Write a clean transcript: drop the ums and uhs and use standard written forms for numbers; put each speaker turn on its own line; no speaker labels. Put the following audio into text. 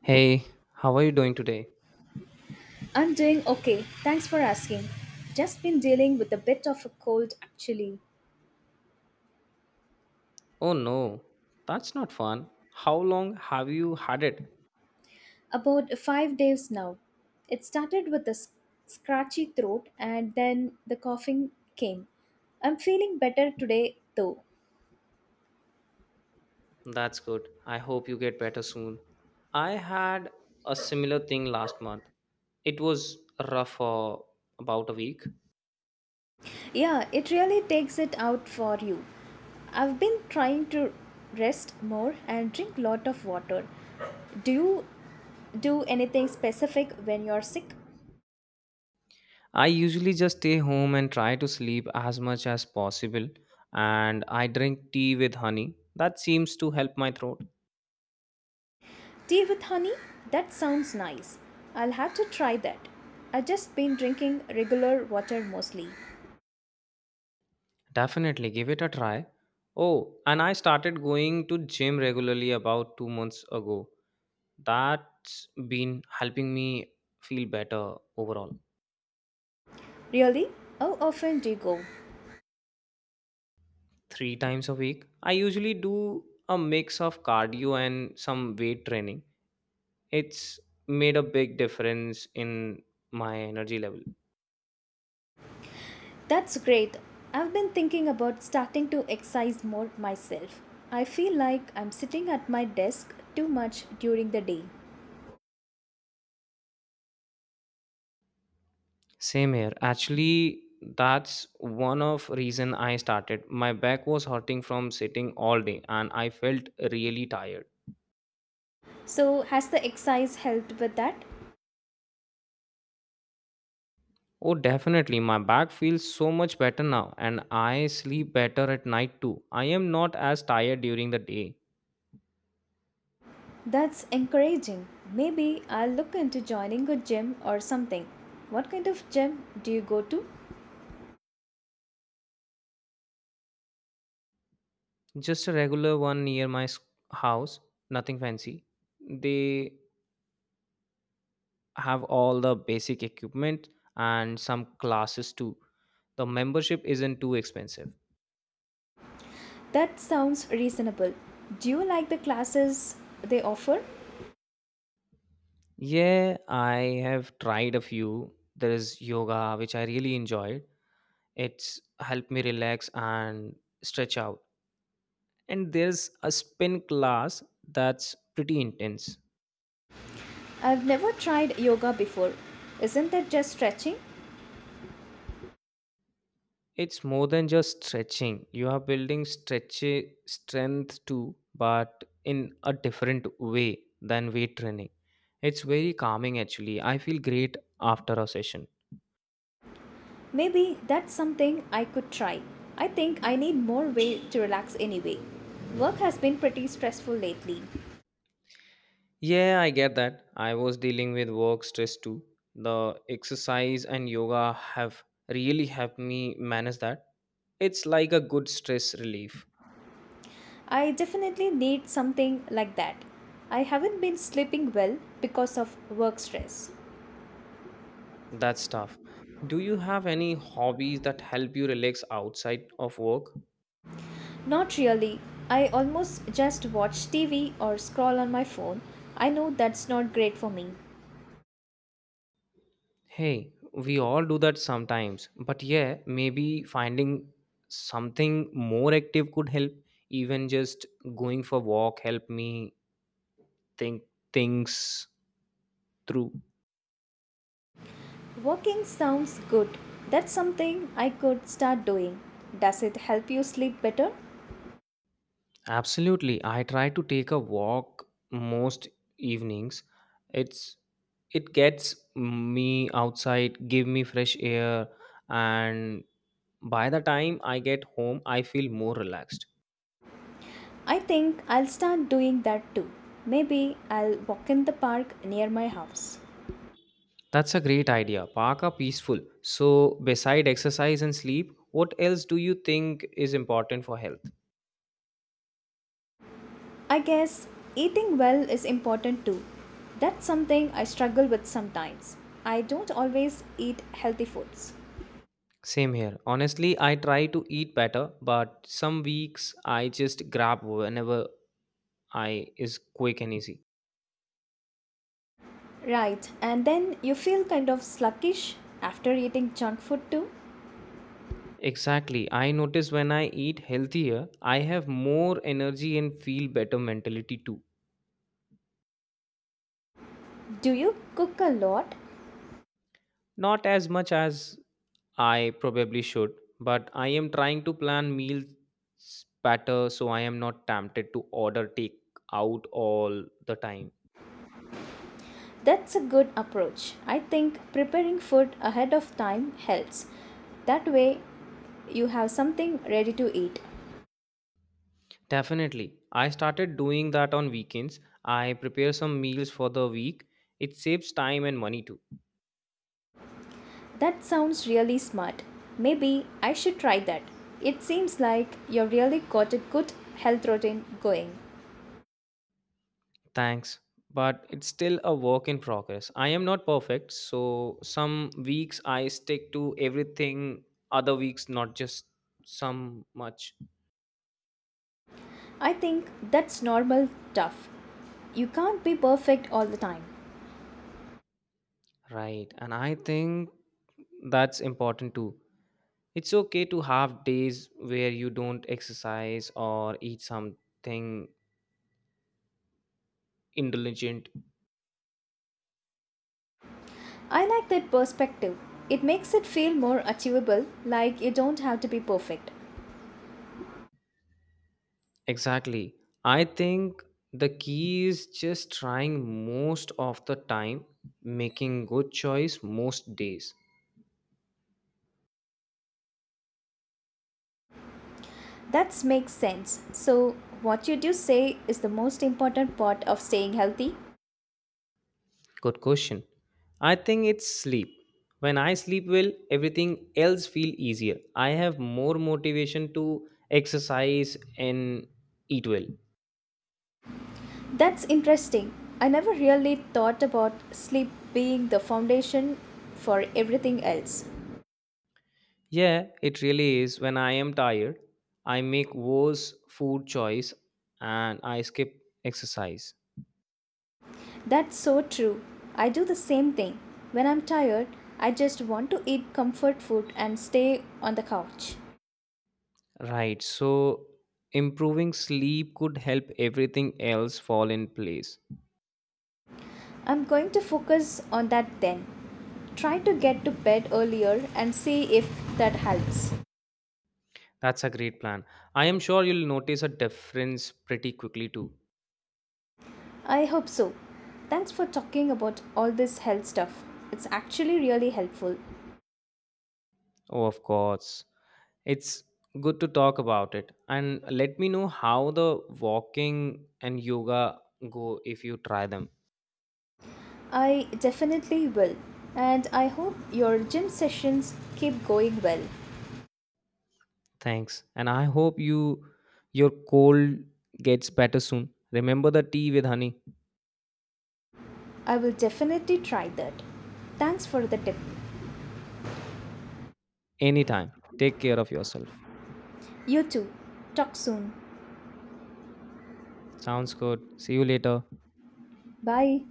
Hey, how are you doing today?
I'm doing okay. Thanks for asking. Just been dealing with a bit of a cold actually.
Oh no, that's not fun. How long have you had it?
About 5 days now. It started with a scratchy throat and then the coughing came. I'm feeling better today though.
That's good. I hope you get better soon. I had a similar thing last month. It was rough for about a week.
Yeah, it really takes it out for you. I've been trying to rest more and drink lot of water. Do you do anything specific when you're sick?
I usually just stay home and try to sleep as much as possible, and I drink tea with honey. That seems to help my throat.
Tea with honey? That sounds nice. I'll have to try that. I've just been drinking regular water mostly.
Definitely give it a try. Oh, and I started going to gym regularly about 2 months ago. That's been helping me feel better overall.
Really? How often do you go?
3 times a week. I usually do a mix of cardio and some weight training. It's made a big difference in my energy level.
That's great. I've been thinking about starting to exercise more myself. I feel like I'm sitting at my desk too much during the day.
Same here. Actually, that's one of reason I started. My back was hurting from sitting all day and I felt really tired.
So, has the exercise helped with that?
Oh, definitely. My back feels so much better now, and I sleep better at night too. I am not as tired during the day.
That's encouraging. Maybe I'll look into joining a gym or something. What kind of gym do you go to?
Just a regular one near my house, nothing fancy. They have all the basic equipment and some classes too. The membership isn't too expensive.
That sounds reasonable. Do you like the classes they offer?
Yeah, I have tried a few. There is yoga, which I really enjoyed. It's helped me relax and stretch out, and there's a spin class that's pretty intense.
I've never tried yoga before. Isn't it just stretching?
It's more than just stretching. You are building stretchy strength too, but in a different way than weight training. It's very calming. Actually, I feel great after a session.
Maybe that's something I could try. I think I need more way to relax anyway. Work has been pretty stressful lately.
Yeah, I get that. I was dealing with work stress too. The exercise and yoga have really helped me manage that. It's like a good stress relief.
I definitely need something like that. I haven't been sleeping well because of work stress.
That's tough. Do you have any hobbies that help you relax outside of work?
Not really. I almost just watch TV or scroll on my phone. I know that's not great for me.
Hey, we all do that sometimes. But yeah, maybe finding something more active could help. Even just going for walk help me think things through.
Walking sounds good. That's something I could start doing. Does it help you sleep better?
Absolutely. I try to take a walk most evenings. It's it gets me outside, give me fresh air, and by the time I get home, I feel more relaxed.
I think I'll start doing that too. Maybe I'll walk in the park near my house.
That's a great idea. Park are peaceful. So, beside exercise and sleep, what else do you think is important for health?
I guess eating well is important too. That's something I struggle with sometimes. I don't always eat healthy foods.
Same here. Honestly, I try to eat better, but some weeks I just grab whenever I is quick and easy.
Right, and then you feel kind of sluggish after eating junk food too.
Exactly. I notice when I eat healthier, I have more energy and feel better mentality too.
Do you cook a lot?
Not as much as I probably should, but I am trying to plan meals better so I am not tempted to order take out all the time.
That's a good approach. I think preparing food ahead of time helps. That way, you have something ready to eat.
Definitely. I started doing that on weekends. I prepare some meals for the week. It saves time and money too.
That sounds really smart. Maybe I should try that. It seems like you've really got a good health routine going.
Thanks. But it's still a work in progress. I am not perfect, so some weeks I stick to everything, other weeks not just some much.
I think that's normal stuff. You can't be perfect all the time.
Right. And I think that's important too. It's okay to have days where you don't exercise or eat something indulgent.
I like that perspective. It makes it feel more achievable, like you don't have to be perfect.
Exactly. I think the key is just trying most of the time, making good choice most days.
That makes sense. So, what you do say is the most important part of staying healthy?
Good question. I think it's sleep. When I sleep well, everything else feel easier. I have more motivation to exercise and eat well.
That's interesting. I never really thought about sleep being the foundation for everything else.
Yeah, it really is. When I am tired, I make worse food choice and I skip exercise.
That's so true. I do the same thing. When I'm tired, I just want to eat comfort food and stay on the couch.
Right. So improving sleep could help everything else fall in place.
I'm going to focus on that then. Try to get to bed earlier and see if that helps.
That's a great plan. I am sure you'll notice a difference pretty quickly too.
I hope so. Thanks for talking about all this health stuff. It's actually really helpful.
Oh, of course. It's good to talk about it. And let me know how the walking and yoga go if you try them.
I definitely will. And I hope your gym sessions keep going well.
Thanks. And I hope you your cold gets better soon. Remember the tea with honey.
I will definitely try that. Thanks for the tip.
Anytime. Take care of yourself.
You too. Talk soon.
Sounds good. See you later.
Bye.